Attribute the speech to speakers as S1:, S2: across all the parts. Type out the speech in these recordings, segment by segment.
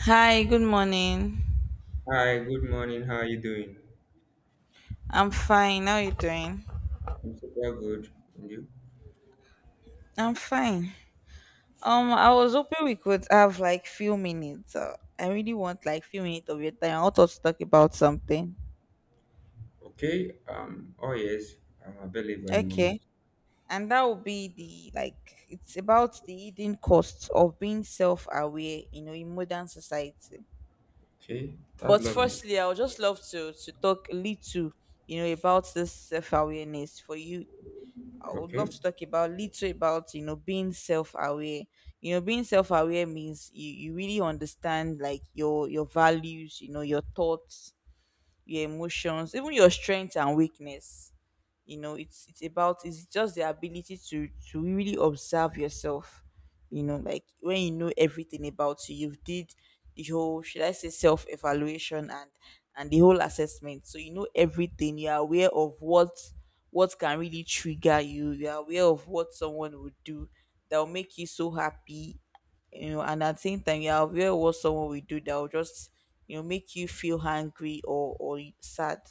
S1: Hi, good morning.
S2: Hi, good morning. How are you doing?
S1: I'm fine. How you doing?
S2: I'm super good. And you?
S1: I'm fine. I was hoping we could have like few minutes. I really want like few minutes of your time. I want us to talk about something.
S2: Okay. Oh yes, I'm available at the moment.
S1: Okay. And that would be the like it's about the hidden costs of being self-aware, you know, in modern society.
S2: Okay, that's
S1: But
S2: lovely.
S1: firstly, I would just love to talk a little, you know, about this self-awareness for you. I would love
S2: Okay.
S1: to talk about little about, you know, being self aware. You know, being self aware means you really understand like your values, you know, your thoughts, your emotions, even your strengths and weakness. You know, it's about it's just the ability to really observe yourself, you know, like when you know everything about you, you've did the whole, should I say, self evaluation and the whole assessment. So you know everything, you're aware of what can really trigger you, you're aware of what someone would do that will make you so happy, you know, and at the same time you're aware of what someone will do that will just, you know, make you feel hangry or sad.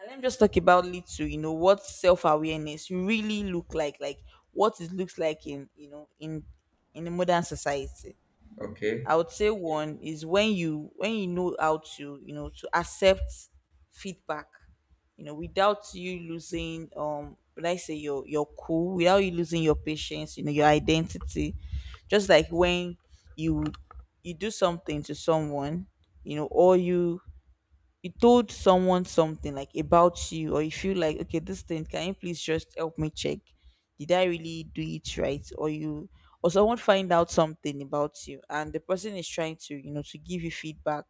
S1: Now let me just talk about little, you know, what self-awareness really look like what it looks like in, you know, in the modern society.
S2: Okay.
S1: I would say one is when you know how to, you know, to accept feedback, you know, without you losing, would I say, your cool, without you losing your patience, you know, your identity. Just like when you you do something to someone, you know, or you told someone something like about you, or you feel like, okay, this thing, can you please just help me check, did I really do it right? Or you, or someone find out something about you, and the person is trying to, you know, to give you feedback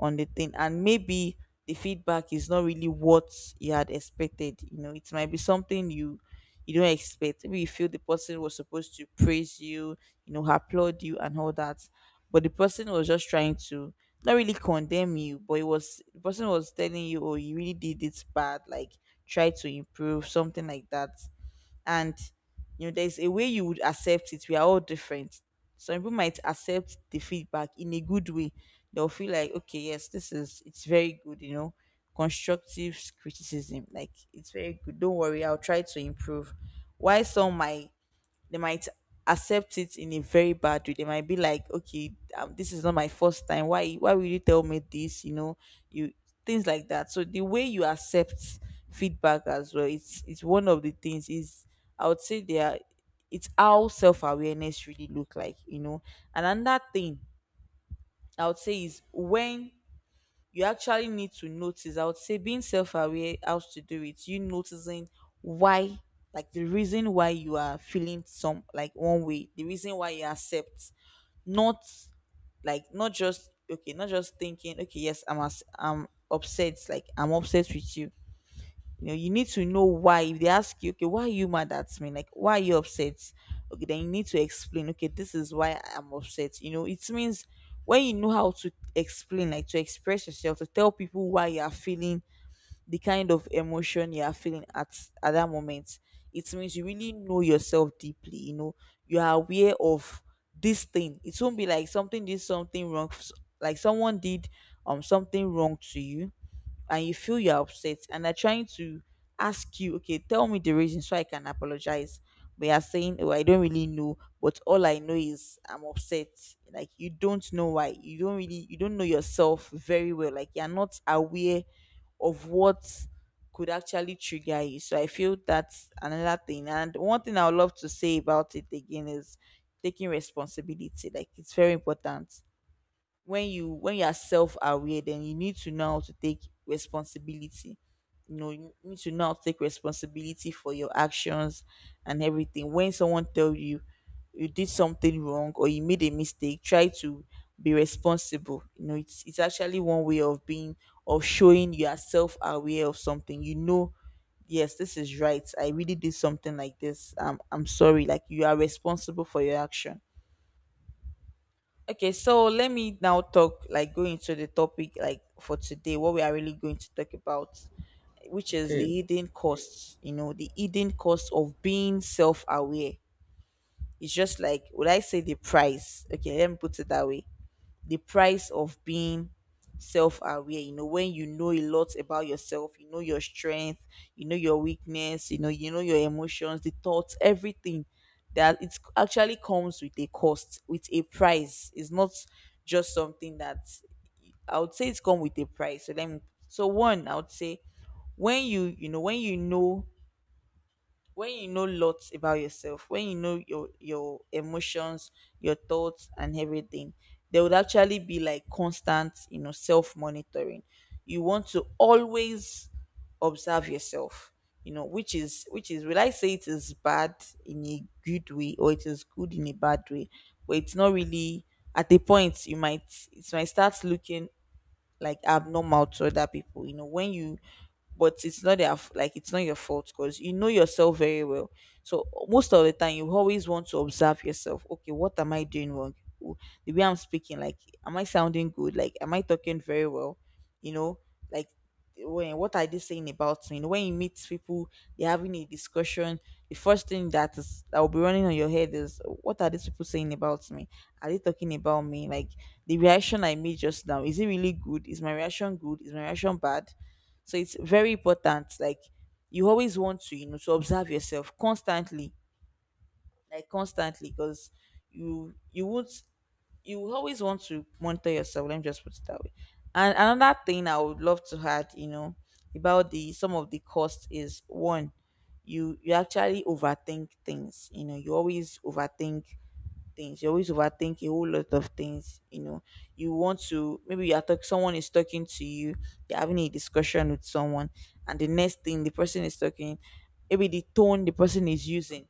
S1: on the thing. And maybe the feedback is not really what you had expected, you know, it might be something you don't expect. Maybe you feel the person was supposed to praise you, you know, applaud you and all that. But the person was just trying to, not really condemn you, but it was, the person was telling you, oh, you really did it bad, like try to improve, something like that. And you know there's a way you would accept it. We are all different, some people might accept the feedback in a good way. They'll feel like, okay, yes, this is, it's very good, you know, constructive criticism, like it's very good, don't worry, I'll try to improve. Why some might, they might accept it in a very bad way. They might be like, okay, this is not my first time. Why will you tell me this? You know, you things like that. So the way you accept feedback as well, it's one of the things. Is, I would say they are. It's how self awareness really look like. You know, and another thing I would say is when you actually need to notice. I would say being self-aware, how to do it. You noticing why, like the reason why you are feeling some, like one way, the reason why you accept, not, like not just okay, not just thinking, okay, yes, I'm upset, like I'm upset with you. You know, you need to know why. If they ask you, okay, why are you mad at me, like why are you upset, okay, then you need to explain, okay, this is why I'm upset. You know, it means when you know how to explain, like to express yourself, to tell people why you are feeling the kind of emotion you are feeling at that moment, it means you really know yourself deeply, you know, you are aware of this thing. It won't be like something wrong like someone did something wrong to you, and you feel you're upset, and they're trying to ask you, okay, tell me the reason so I can apologize. But you're saying, oh, I don't really know, but all I know is I'm upset. Like you don't know why. You don't know yourself very well. Like you're not aware of what could actually trigger you. So I feel that's another thing. And one thing I would love to say about it again is taking responsibility. Like it's very important. When you when you are self-aware, then you need to know how to take responsibility. You know, you need to know how to take responsibility for your actions and everything. When someone tell you you did something wrong or you made a mistake, try to be responsible. You know, it's actually one way of being, of showing you are self-aware of something. You know, yes, this is right, I really did something like this. I'm sorry, like you are responsible for your action. Okay, so let me now talk, like go into the topic like for today, what we are really going to talk about, which is
S2: Okay.
S1: the hidden costs, you know, the hidden cost of being self aware. It's just like, would I say, the price? Okay, let me put it that way, the price of being self-aware. You know, when you know a lot about yourself, you know your strength, you know your weakness, you know, you know your emotions, the thoughts, everything, that it actually comes with a cost, with a price. It's not just something that, I would say it's come with a price. So then, so one I would say, when when when you know lots about yourself, when you know your emotions, your thoughts and everything, there would actually be like constant, you know, self monitoring. You want to always observe yourself, you know, which is will I say it is bad in a good way, or it is good in a bad way, but it's not really, at a point you might, it might start looking like abnormal to other people. You know, when you, but it's not their like it's not your fault, because you know yourself very well. So most of the time you always want to observe yourself. Okay, what am I doing wrong? W- the way I'm speaking, like am I sounding good, like am I talking very well? You know, like when, what are they saying about me? You know, when you meet people, they're having a discussion, the first thing that is that will be running on your head is, what are these people saying about me? Are they talking about me? Like the reaction I made just now, is it really good? Is my reaction good? Is my reaction bad? So it's very important. Like you always want to, you know, to observe yourself constantly, because you would, you will always want to monitor yourself. Let me just put it that way. And another thing I would love to add, you know, about the some of the costs is one, you actually overthink things. You know, you always overthink things. You always overthink a whole lot of things. You know, you want to, maybe you are someone is talking to you, you're having a discussion with someone, and the next thing the person is talking, maybe the tone the person is using,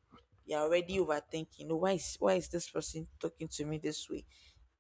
S1: you're already overthinking. "Oh, why is this person talking to me this way?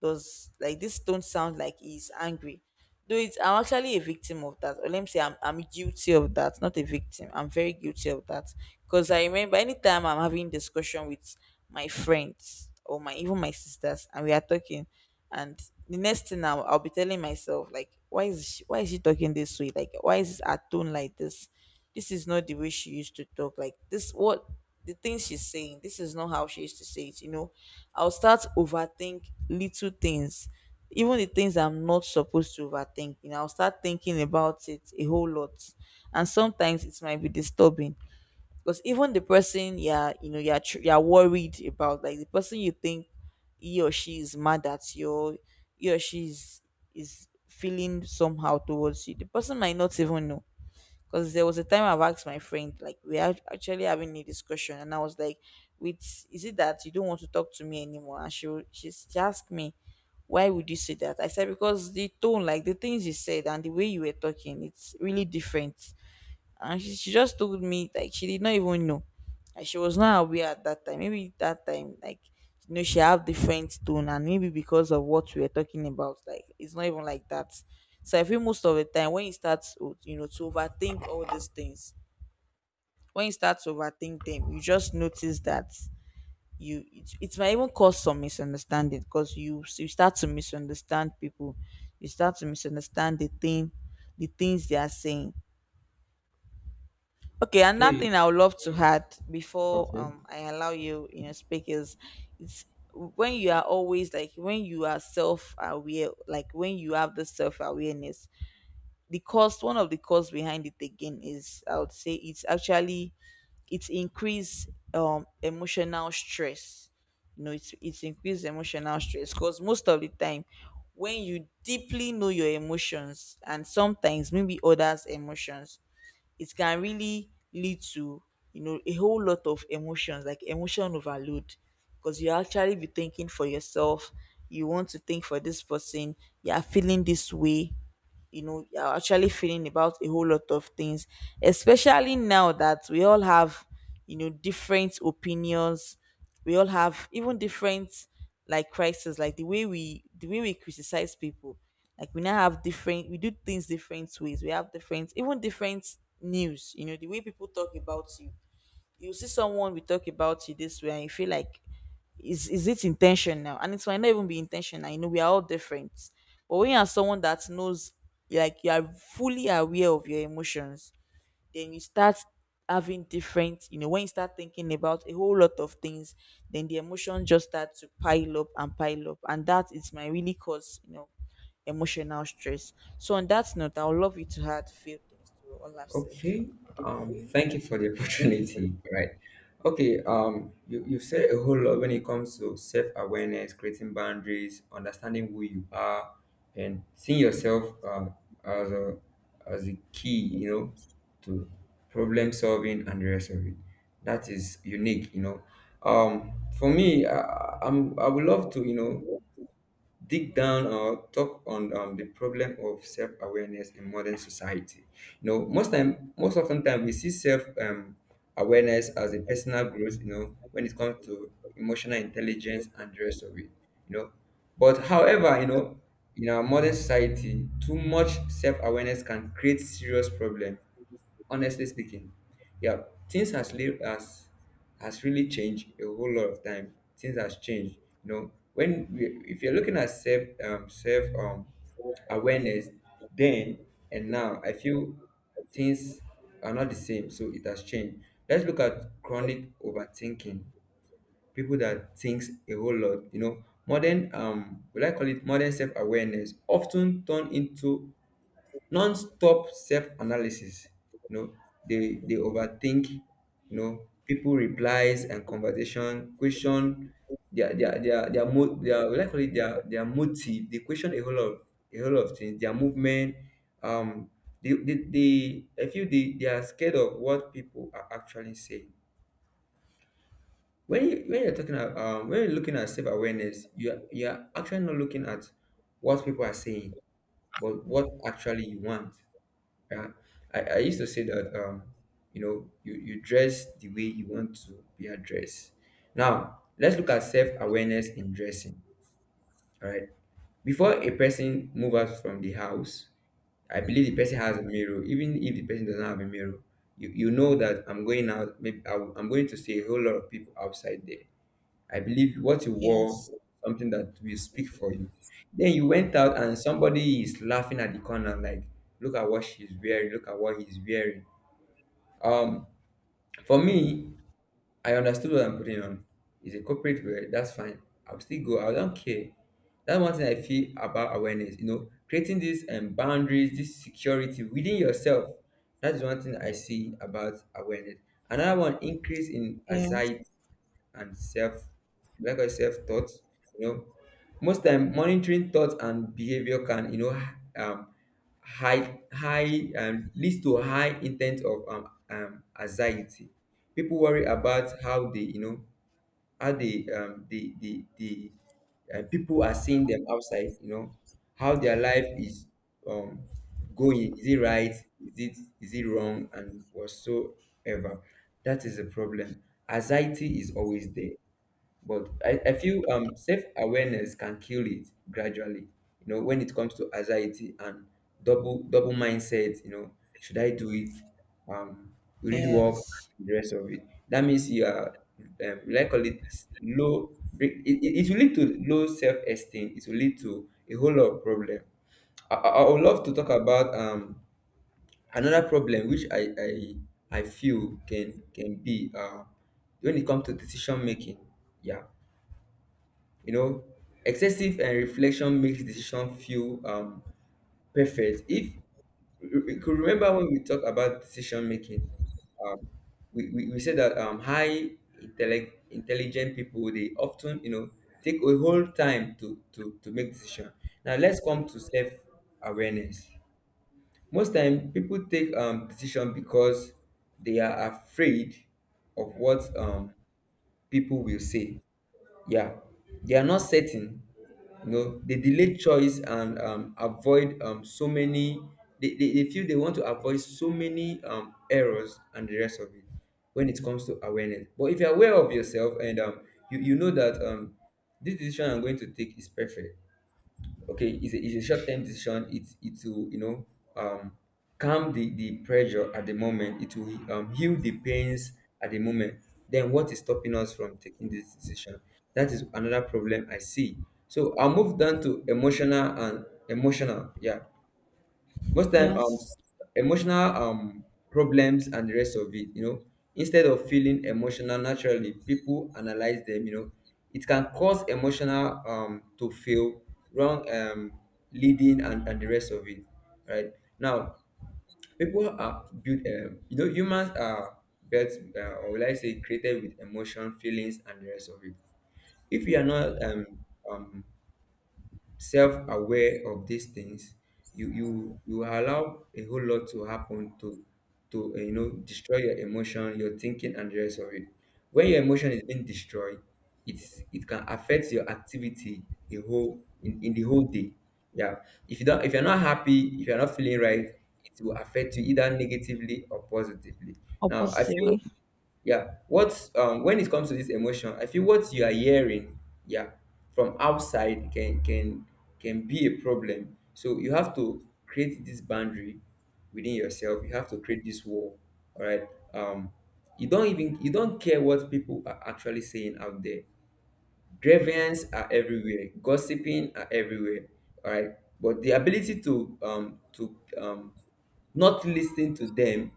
S1: Does like this don't sound like he's angry?" Though it's, I'm actually a victim of that. Or let me say I'm guilty of that. Not a victim. I'm very guilty of that. Because I remember, anytime I'm having discussion with my friends or my, even my sisters, and we are talking, and the next thing I'll be telling myself like, why is she talking this way? Like why is her tone like this? This is not the way she used to talk. Like this, what, the things she's saying, this is not how she used to say it. You know, I'll start overthink little things, even the things I'm not supposed to overthink. You know, I'll start thinking about it a whole lot, and sometimes it might be disturbing, because even the person you're, you know, you're worried about, like the person you think he or she is mad at you, or he or she is feeling somehow towards you, the person might not even know. Because there was a time I've asked my friend, like, we are actually having a discussion, and I was like, "With is it that you don't want to talk to me anymore?" And she asked me, "Why would you say that?" I said, "Because the tone, like the things you said, and the way you were talking, it's really different." And she just told me like she did not even know, like she was not aware at that time, maybe that time, like she have different tone, and maybe because of what we are talking about, like it's not even like that. So I feel most of the time when you start to, to overthink all these things, when you start to overthink them, you just notice that it might even cause some misunderstanding because you start to misunderstand people. You start to misunderstand the thing, the things they are saying. Okay, another
S2: Okay.
S1: thing I would love to add before
S2: Okay.
S1: I allow you, speak is it's when you are always, like when you are self aware, like when you have the self awareness, the cost, one of the costs behind it again, is I would say it's actually it's increased emotional stress. You know, it's increased emotional stress because most of the time when you deeply know your emotions, and sometimes maybe others' emotions, it can really lead to, you know, a whole lot of emotions, like emotion overload, because you actually be thinking for yourself, you want to think for this person, you are feeling this way, you know, you're actually feeling about a whole lot of things, especially now that we all have, you know, different opinions. We all have even different, like crises, like the way we, the way we criticize people, like we now have different, we do things different ways, we have different, even different news, you know, the way people talk about you. You see someone we talk about you this way, and you feel like is it intentional, and it might not even be intentional. You know, we are all different, but when you are someone that knows, like you are fully aware of your emotions, then you start having different, you know, when you start thinking about a whole lot of things, then the emotions just start to pile up and pile up, and that is my really cause, you know, emotional stress. So on that note, I would love you to add few things to all I've said.
S2: Okay. Thank you for the opportunity. Right. Okay. You said a whole lot when it comes to self awareness, creating boundaries, understanding who you are, and seeing yourself, as a key, to problem solving and the rest of it. That is unique. For me, I would love to, dig down or talk on, the problem of self-awareness in modern society. You know, most time, most often time, we see self, awareness as a personal growth, when it comes to emotional intelligence and the rest of it. you know but however, in our modern society, too much self-awareness can create serious problem, honestly speaking. Yeah, things has lived as has really changed a whole lot of time, things has changed. You know, when we, if you're looking at self, self, awareness then and now, I feel things are not the same, so it has changed. Let's look at chronic overthinking. People that thinks a whole lot, you know, modern, will I call it modern self-awareness, often turn into non-stop self-analysis. You know, they overthink, you know, people replies and conversation question, their mo, their, we like call it, their motive. They question a whole lot of things, their movement. um they I feel they are scared of what people are actually saying. When you, when you're talking about, when you're looking at self-awareness, you're actually not looking at what people are saying, but what actually you want. Yeah, I used to say that, you know, you dress the way you want to be addressed. Now, let's look at self-awareness in dressing. All right. Before a person moves out from the house, I believe the person has a mirror. Even if the person doesn't have a mirror, you know that I'm going out, maybe I'm going to see a whole lot of people outside there. I believe what you wore
S1: Yes.
S2: was something that will speak for you. Then you went out and somebody is laughing at the corner, like, look at what she's wearing, look at what he's wearing. Um, for me, I understood what I'm putting on. It's a corporate wear, that's fine. I'll still go, I don't care. That's one thing I feel about awareness, you know, creating these, boundaries, this security within yourself. That's one thing I see about awareness. Another one, increase in
S1: Yes.
S2: anxiety and self, like I self thought, you know, most time monitoring thoughts and behavior can, um high leads to high intent of, anxiety. People worry about how they, you know, how they, the people are seeing them outside, you know, how their life is, um going, is it right, is it wrong and whatsoever. That is the problem. Anxiety is always there, but I feel, self-awareness can kill it gradually. You know, when it comes to anxiety and double mindset, you know, should I do it? Um, will it work?
S1: Yes.
S2: The rest of it. That means you are, likely low. It will lead to low self-esteem. It will lead to a whole lot of problem. I would love to talk about, another problem which I feel can be, when it comes to decision making. Yeah, you know, excessive and reflection makes decision feel, perfect. If you could remember when we talk about decision making, um, we said that, high intellect, intelligent people, they often, you know, take a whole time to to make decision. Now let's come to self awareness. Most time people take, decision because they are afraid of what, people will say. Yeah, they are not certain. You know, they delay choice and, avoid, so many, they feel they want to avoid so many, errors and the rest of it when it comes to awareness. But if you're aware of yourself and, you know that, this decision I'm going to take is perfect. Okay, it's a short-term decision, it will, um calm the pressure at the moment, it will, heal the pains at the moment, then what is stopping us from taking this decision? That is another problem I see. So I'll move down to emotional and emotional. Yeah, most time,
S1: Yes,
S2: emotional, problems and the rest of it. You know, instead of feeling emotional naturally, people analyze them. You know, it can cause emotional, to feel wrong, leading, and the rest of it. Right, now people are built, you know, humans are built, or will I say, created with emotion, feelings and the rest of it. If you are not, um self-aware of these things, you allow a whole lot to happen to you know, destroy your emotion, your thinking and the rest of it. When your emotion is being destroyed, it can affect your activity the whole, in the whole day. Yeah, if you don't, if you're not happy, if you're not feeling right, it will affect you either negatively or positively.
S1: or
S2: Now I feel,
S1: positively.
S2: yeah, what's when it comes to this emotion, I feel what you are hearing, yeah, from outside, can be a problem. So you have to create this boundary within yourself, you have to create this wall. All right, um you don't even, you don't care what people are actually saying out there. Grievance are everywhere, gossiping are everywhere. All right, but the ability to, not listening to them,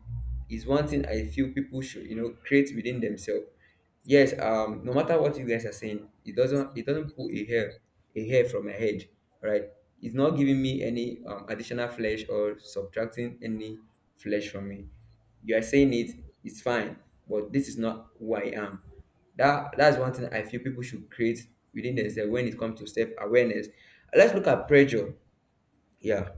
S2: is one thing I feel people should, you know, create within themselves. Yes, no matter what you guys are saying, it doesn't pull a hair from my head, right? It's not giving me any, additional flesh or subtracting any flesh from me. You are saying it, it's fine, but this is not who I am. That's one thing I feel people should create within themselves when it comes to self awareness. Let's look at pressure. Yeah,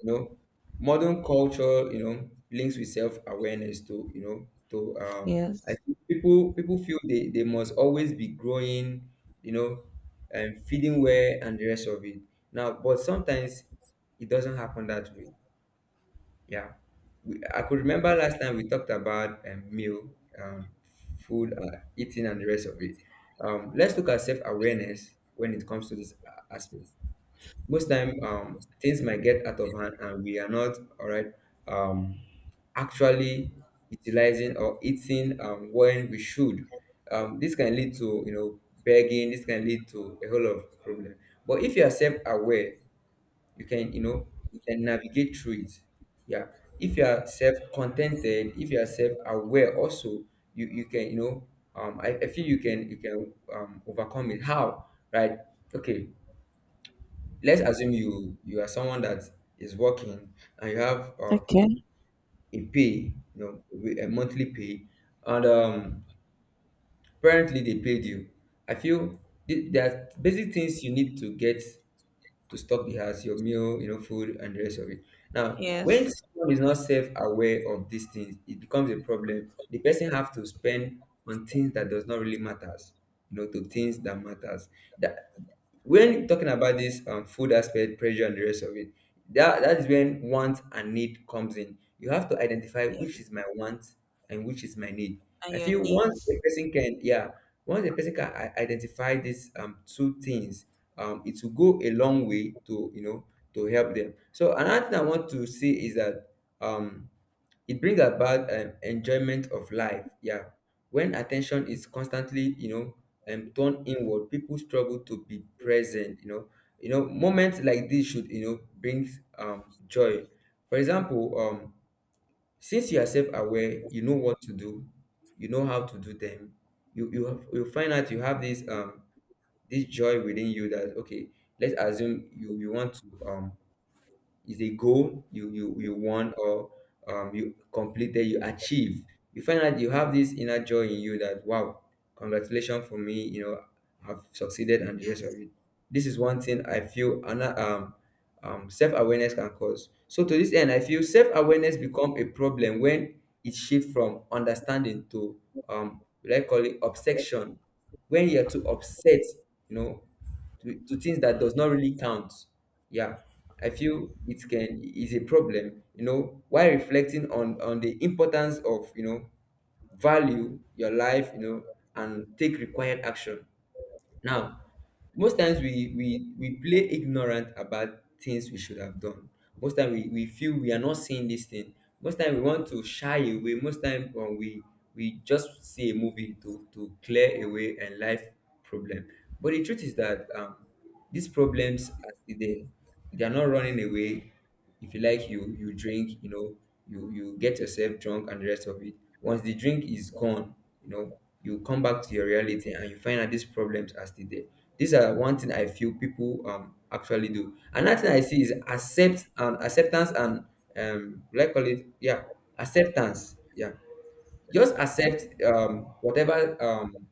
S2: you know, modern culture, you know, links with self-awareness to, you know, to, I
S1: Yes.
S2: think people feel they must always be growing, you know, and feeding well and the rest of it. Now, but sometimes it doesn't happen that way. Yeah. We, I could remember last time we talked about, meal, um, food, eating, and the rest of it. Let's look at self awareness when it comes to this aspect. Most time, things might get out of hand and we are not all right, um, actually utilizing or eating, when we should, this can lead to, you know, begging, this can lead to a whole lot of problem. But if you are self-aware, you can, you know, you can navigate through it. Yeah, if you are self-contented, if you are self-aware also, you can, you know, I feel you can, overcome it how, right? Okay, let's assume you are someone that is working and you have,
S1: Okay.
S2: a pay, you know, a monthly pay, and apparently they paid you. I feel, there are basic things you need to get to stock the house, your meal, you know, food and the rest of it. Now when
S1: Yes.
S2: someone is not self-aware of these things, it becomes a problem, the person have to spend on things that does not really matters, you know, to things that matters. That, when talking about this, food aspect, pressure and the rest of it, that that is when want and need comes in. You have to identify
S1: Yeah.
S2: which is my want and which is my need.
S1: And
S2: I
S1: your
S2: feel once a
S1: needs.
S2: person can, yeah, once a person can identify these, two things, it will go a long way to, you know, to help them. So another thing I want to say is that, um it brings about, enjoyment of life. Yeah. When attention is constantly, you know, turned inward, people struggle to be present. You know, moments like this should, you know, bring, joy. For example, since you are self-aware, you know what to do, you know how to do them. You have, you find out you have this, joy within you that okay, let's assume you want to, is a goal you won or, you completed, you achieved. You find out you have this inner joy in you that, wow, congratulations for me, you know, I've succeeded and the rest of it. This is one thing I feel, self-awareness can cause. So to this end, I feel self-awareness become a problem when it shifts from understanding to, what I call it obsession. When you are too upset, you know, to things that does not really count. Yeah, I feel it can is a problem. You know, while reflecting on the importance of, you know, value your life, you know, and take required action. Now, most times we play ignorant about things we should have done. Most time we feel we are not seeing this thing. Most time we want to shy away. Most time when we just see a movie to clear away a life problem. But the truth is that, these problems are still there. They are not running away. If you like, you drink, you know, you get yourself drunk and the rest of it. Once the drink is gone, you know, you come back to your reality and you find out these problems are still there. These are one thing I feel people, actually do. Another thing I see is accept and acceptance and, like call it, yeah, acceptance, yeah, just accept, whatever,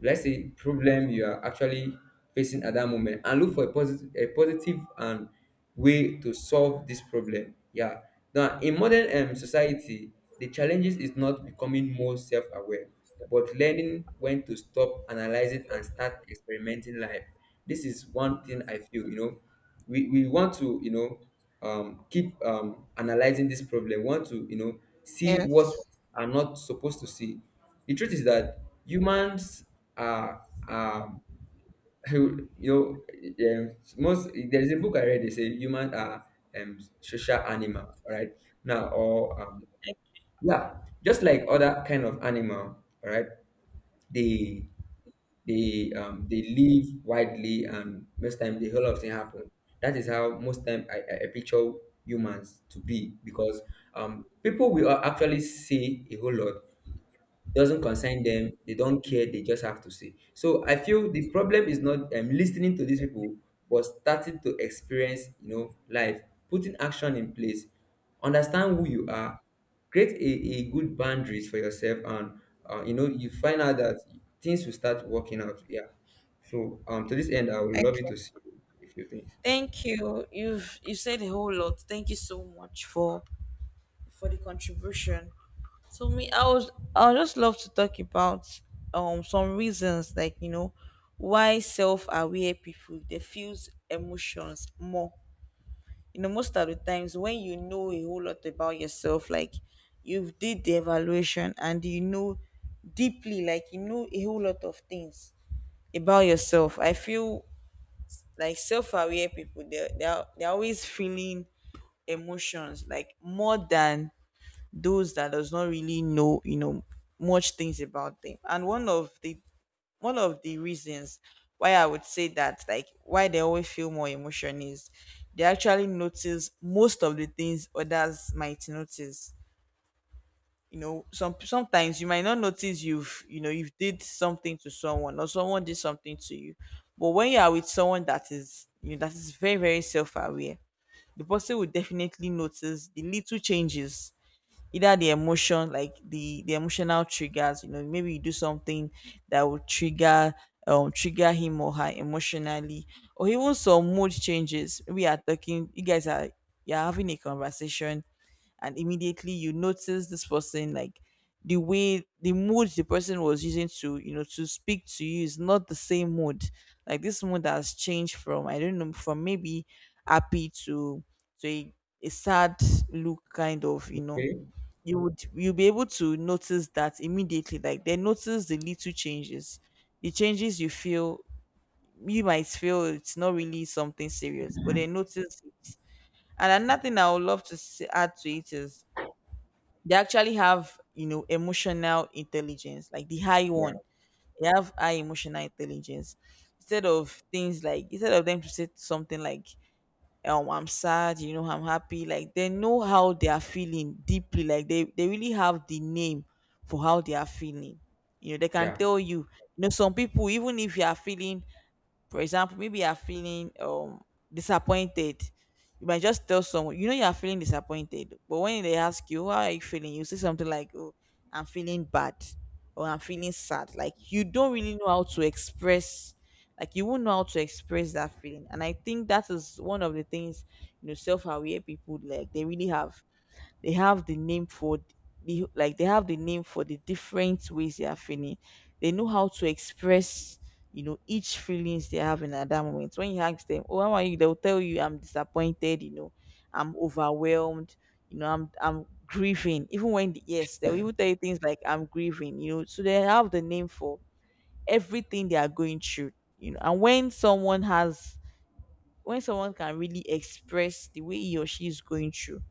S2: let's say problem you are actually facing at that moment and look for a positive and way to solve this problem. Yeah, now in modern, society the challenges is not becoming more self-aware, but learning when to stop analyzing and start experimenting life. This is one thing I feel, you know, we want to, keep, analyzing this problem. We want to, you know, see what
S1: Yes.
S2: we are not supposed to see. The truth is that humans are, um you know most, there is a book I read, they say humans are, social animal. All right, now or, yeah, just like other kind of animal. All right, they, they live widely and most time the whole of thing happen. That is how most time, I picture humans to be, because, people will actually say a whole lot, doesn't concern them, they don't care, they just have to say. So I feel the problem is not, listening to these people, but starting to experience, you know, life, putting action in place, understand who you are, create a good boundaries for yourself and, you know, you find out that things will start working out. Yeah, so, to this end I would love you
S1: Okay.
S2: to see a few things.
S1: Thank you. You've you said a whole lot. Thank you so much for the contribution. So me, I was I would just love to talk about some reasons, like you know, why self-aware people they feels emotions more. You know, most of the times when you know a whole lot about yourself, like you've did the evaluation and you know deeply, like you know a whole lot of things about yourself. I feel like self-aware people they're always feeling emotions, like more than those that does not really know, you know, much things about them. And one of the reasons why I would say that, like why they always feel more emotion is they actually notice most of the things others might notice. You know, some sometimes you might not notice you've, you know, you've did something to someone, or someone did something to you. But when you are with someone that is, you know, that is very self-aware, the person will definitely notice the little changes, either the emotion, like the emotional triggers. You know, maybe you do something that will trigger trigger him or her emotionally, or even some mood changes. We are talking, you guys are, you're having a conversation, and immediately you notice this person, like the way the mood the person was using to, you know, to speak to you is not the same mood, like this mood has changed from, I don't know, from maybe happy to to a, a sad look kind of, you know,
S2: Okay.
S1: you would, you'll be able to notice that immediately. Like they notice the little changes, the changes you feel, you might feel it's not really something serious, but they notice it. And another thing I would love to add to it is they actually have, you know, emotional intelligence, like the high
S2: Yeah,
S1: one. They have high emotional intelligence. Instead of things like, instead of them to say something like, I'm sad, you know, I'm happy, like they know how they are feeling deeply. Like they really have the name for how they are feeling. You know, they can
S2: yeah,
S1: tell you. You know, some people, even if you are feeling, for example, maybe you are feeling disappointed, you might just tell someone, you know, you are feeling disappointed. But when they ask you, how are you feeling? You say something like, oh, I'm feeling bad, or I'm feeling sad. Like you don't really know how to express, like you won't know how to express that feeling. And I think that is one of the things, you know, self aware people, like they really have, they have the name for the, like they have the name for the different ways they are feeling. They know how to express, you know, each feelings they have in at that moment. When you ask them, oh how are you, they'll tell you I'm disappointed, you know, I'm overwhelmed, you know, I'm grieving, even when, yes, they'll even tell you things like I'm grieving, you know. So they have the name for everything they are going through, you know. And when someone has, when someone can really express the way he or she is going through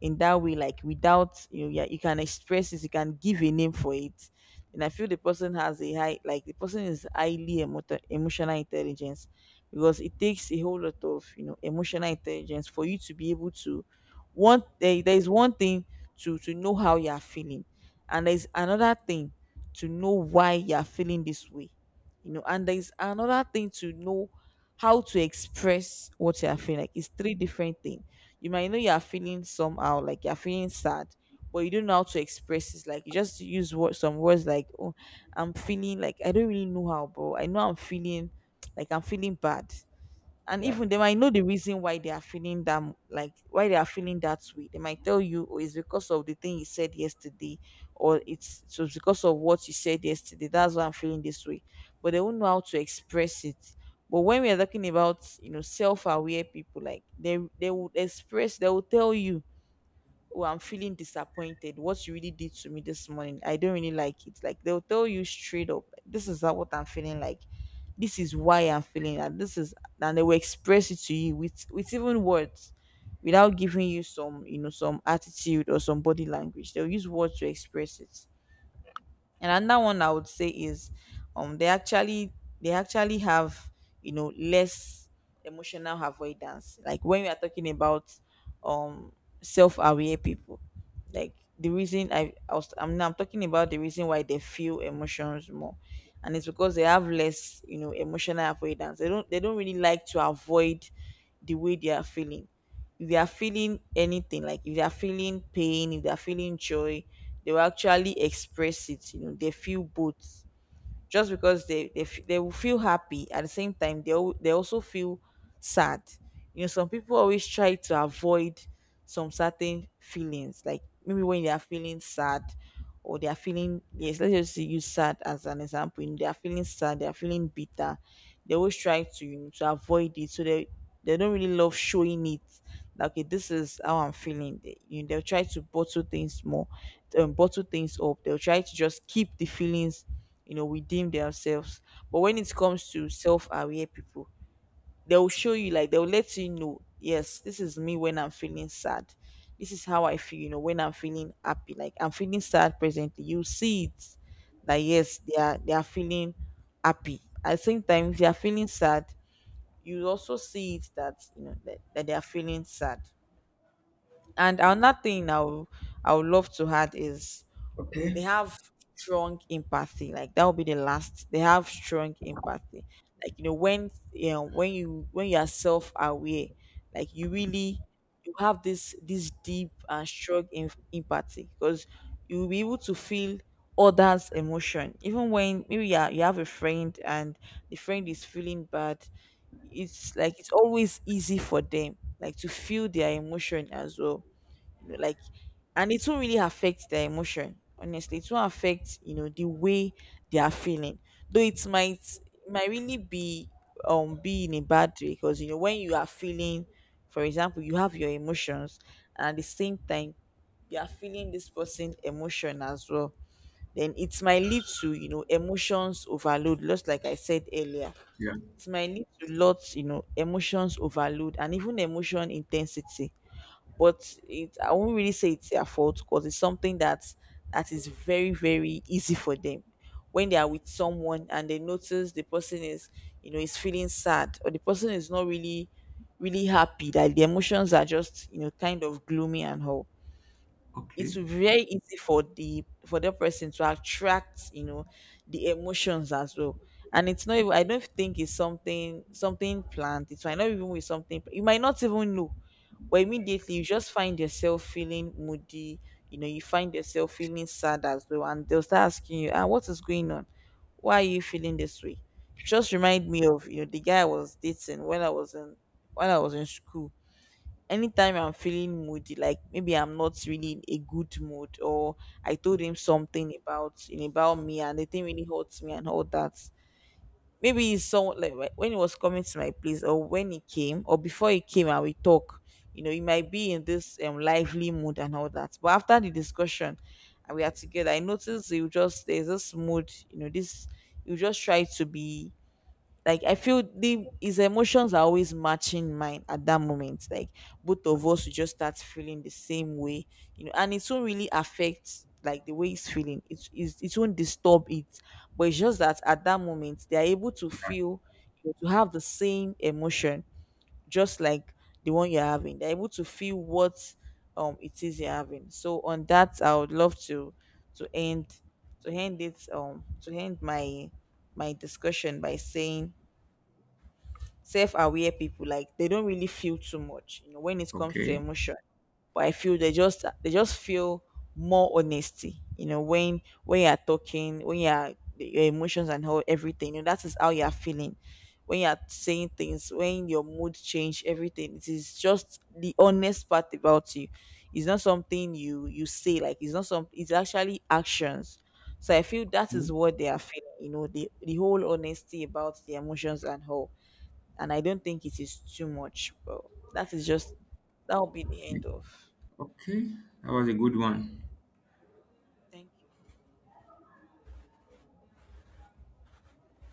S1: in that way, like without, you know, yeah, you can express it, you can give a name for it. And I feel the person has a high, like the person is highly emotional intelligence, because it takes a whole lot of, you know, emotional intelligence for you to be able to want. There is one thing to know how you are feeling, and there is another thing to know why you are feeling this way, you know. And there is another thing to know how to express what you are feeling. Like it's three different things. You might know you're feeling somehow, like you're feeling sad, but you don't know how to express it. Like you just use word, some words, like, "Oh, I'm feeling like I don't really know how, but I know I'm feeling like I'm feeling bad." And
S2: yeah.
S1: even they might know the reason why they are feeling that like why they are feeling that way. They might tell you, oh, it's because of the thing you said yesterday, or it's, so it's because of what you said yesterday, that's why I'm feeling this way. But they won't know how to express it. But when we are talking about, you know, self-aware people, like they would express, they will tell you, oh I'm feeling disappointed, what you really did to me this morning, I don't really like it. Like they'll tell you straight up, like, this is not what I'm feeling, like this is why I'm feeling that, this is, and they will express it to you with even words, without giving you some, you know, some attitude or some body language. They'll use words to express it. And another one I would say is they actually, they actually have, you know, less emotional avoidance. Like when we are talking about um self aware people, like the reason I was I'm now I'm talking about the reason why they feel emotions more. And it's because they have less, you know, emotional avoidance. They don't really like to avoid the way they are feeling. If they are feeling anything, like if they are feeling pain, if they are feeling joy, they will actually express it. You know, they feel both. Just because they will feel happy, at the same time, they they also feel sad. You know, some people always try to avoid some certain feelings, like maybe when they are feeling sad or they are feeling, yes, let's just use sad as an example. You know, they are feeling sad, they are feeling bitter, they always try to, to avoid it, so they don't really love showing it, like okay, this is how I'm feeling. They'll try to bottle things more, bottle things up. They'll try to just keep the feelings, you know, within themselves. But when it comes to self-aware people, they'll show you, like they'll let you know, yes, this is me when I'm feeling sad, this is how I feel, you know, when I'm feeling happy. Like I'm feeling sad presently, you see it, that yes, they are feeling happy. At the same time, if they are feeling sad, you also see it, that you know that they are feeling sad. And another thing I would love to add is they
S2: Okay.
S1: have strong empathy. Like that will be the last, they have strong empathy. Like you know, when you know when you are self-aware, like you really, you have this deep and strong empathy, because you'll be able to feel others' emotion. Even when maybe you have a friend and the friend is feeling bad, it's like it's always easy for them, like to feel their emotion as well, you know, like. And it won't really affect their emotion, honestly. It won't affect, you know, the way they are feeling. Though it might really be, be in a bad way. Because you know, when you are feeling, for example, you have your emotions and at the same time you are feeling this person emotion as well, then it might lead to, you know, emotions overload, just like I said earlier.
S2: Yeah.
S1: It might lead to lots, you know, emotions overload and even emotion intensity. But it, I won't really say it's their fault, because it's something that is very very easy for them. When they are with someone and they notice the person is, you know, is feeling sad, or the person is not really happy, like the emotions are just, you know, kind of gloomy and all, it
S2: Okay.
S1: will be very easy for the for that person to attract, you know, the emotions as well. And it's not even, I don't think it's something planned. It might not even be something, you might not even know, but immediately you just find yourself feeling moody. You know, you find yourself feeling sad as well, and they'll start asking you, ah, what is going on, why are you feeling this way? Just remind me of, you know, the guy I was dating when I was in when I was in school. Anytime I'm feeling moody, like maybe I'm not really in a good mood, or I told him something about me, and the thing really hurts me and all that. Maybe it's someone, like when he was coming to my place, or when he came, or before he came and we talk, you know, he might be in this lively mood and all that. But after the discussion and we are together, I noticed he would just, there's this mood, you know, this, you just try to be, like I feel the his emotions are always matching mine at that moment. Like both of us will just start feeling the same way, you know, and it won't really affect, like, the way he's feeling. It is, it won't disturb it, but it's just that at that moment they are able to feel, you know, to have the same emotion, just like the one you're having. They're able to feel what, it is you're having. So on that, I would love to to end to end it, to end my my discussion by saying self-aware people, like they don't really feel too much, you know, when it comes to
S2: Okay.
S1: emotion, but I feel they just, they just feel more honesty. You know, when you're talking when you're your emotions, and how everything, you know, that is how you're feeling, when you're saying things, when your mood change, everything, it is just the honest part about you. It's not something you, you say, like it's not some, it's actually actions. So I feel that is what they are feeling, you know, the whole honesty about the emotions and how, and I don't think it is too much. Well, that is just, that will be the
S2: Okay.
S1: end of.
S2: Okay, that was a good one.
S1: Thank you.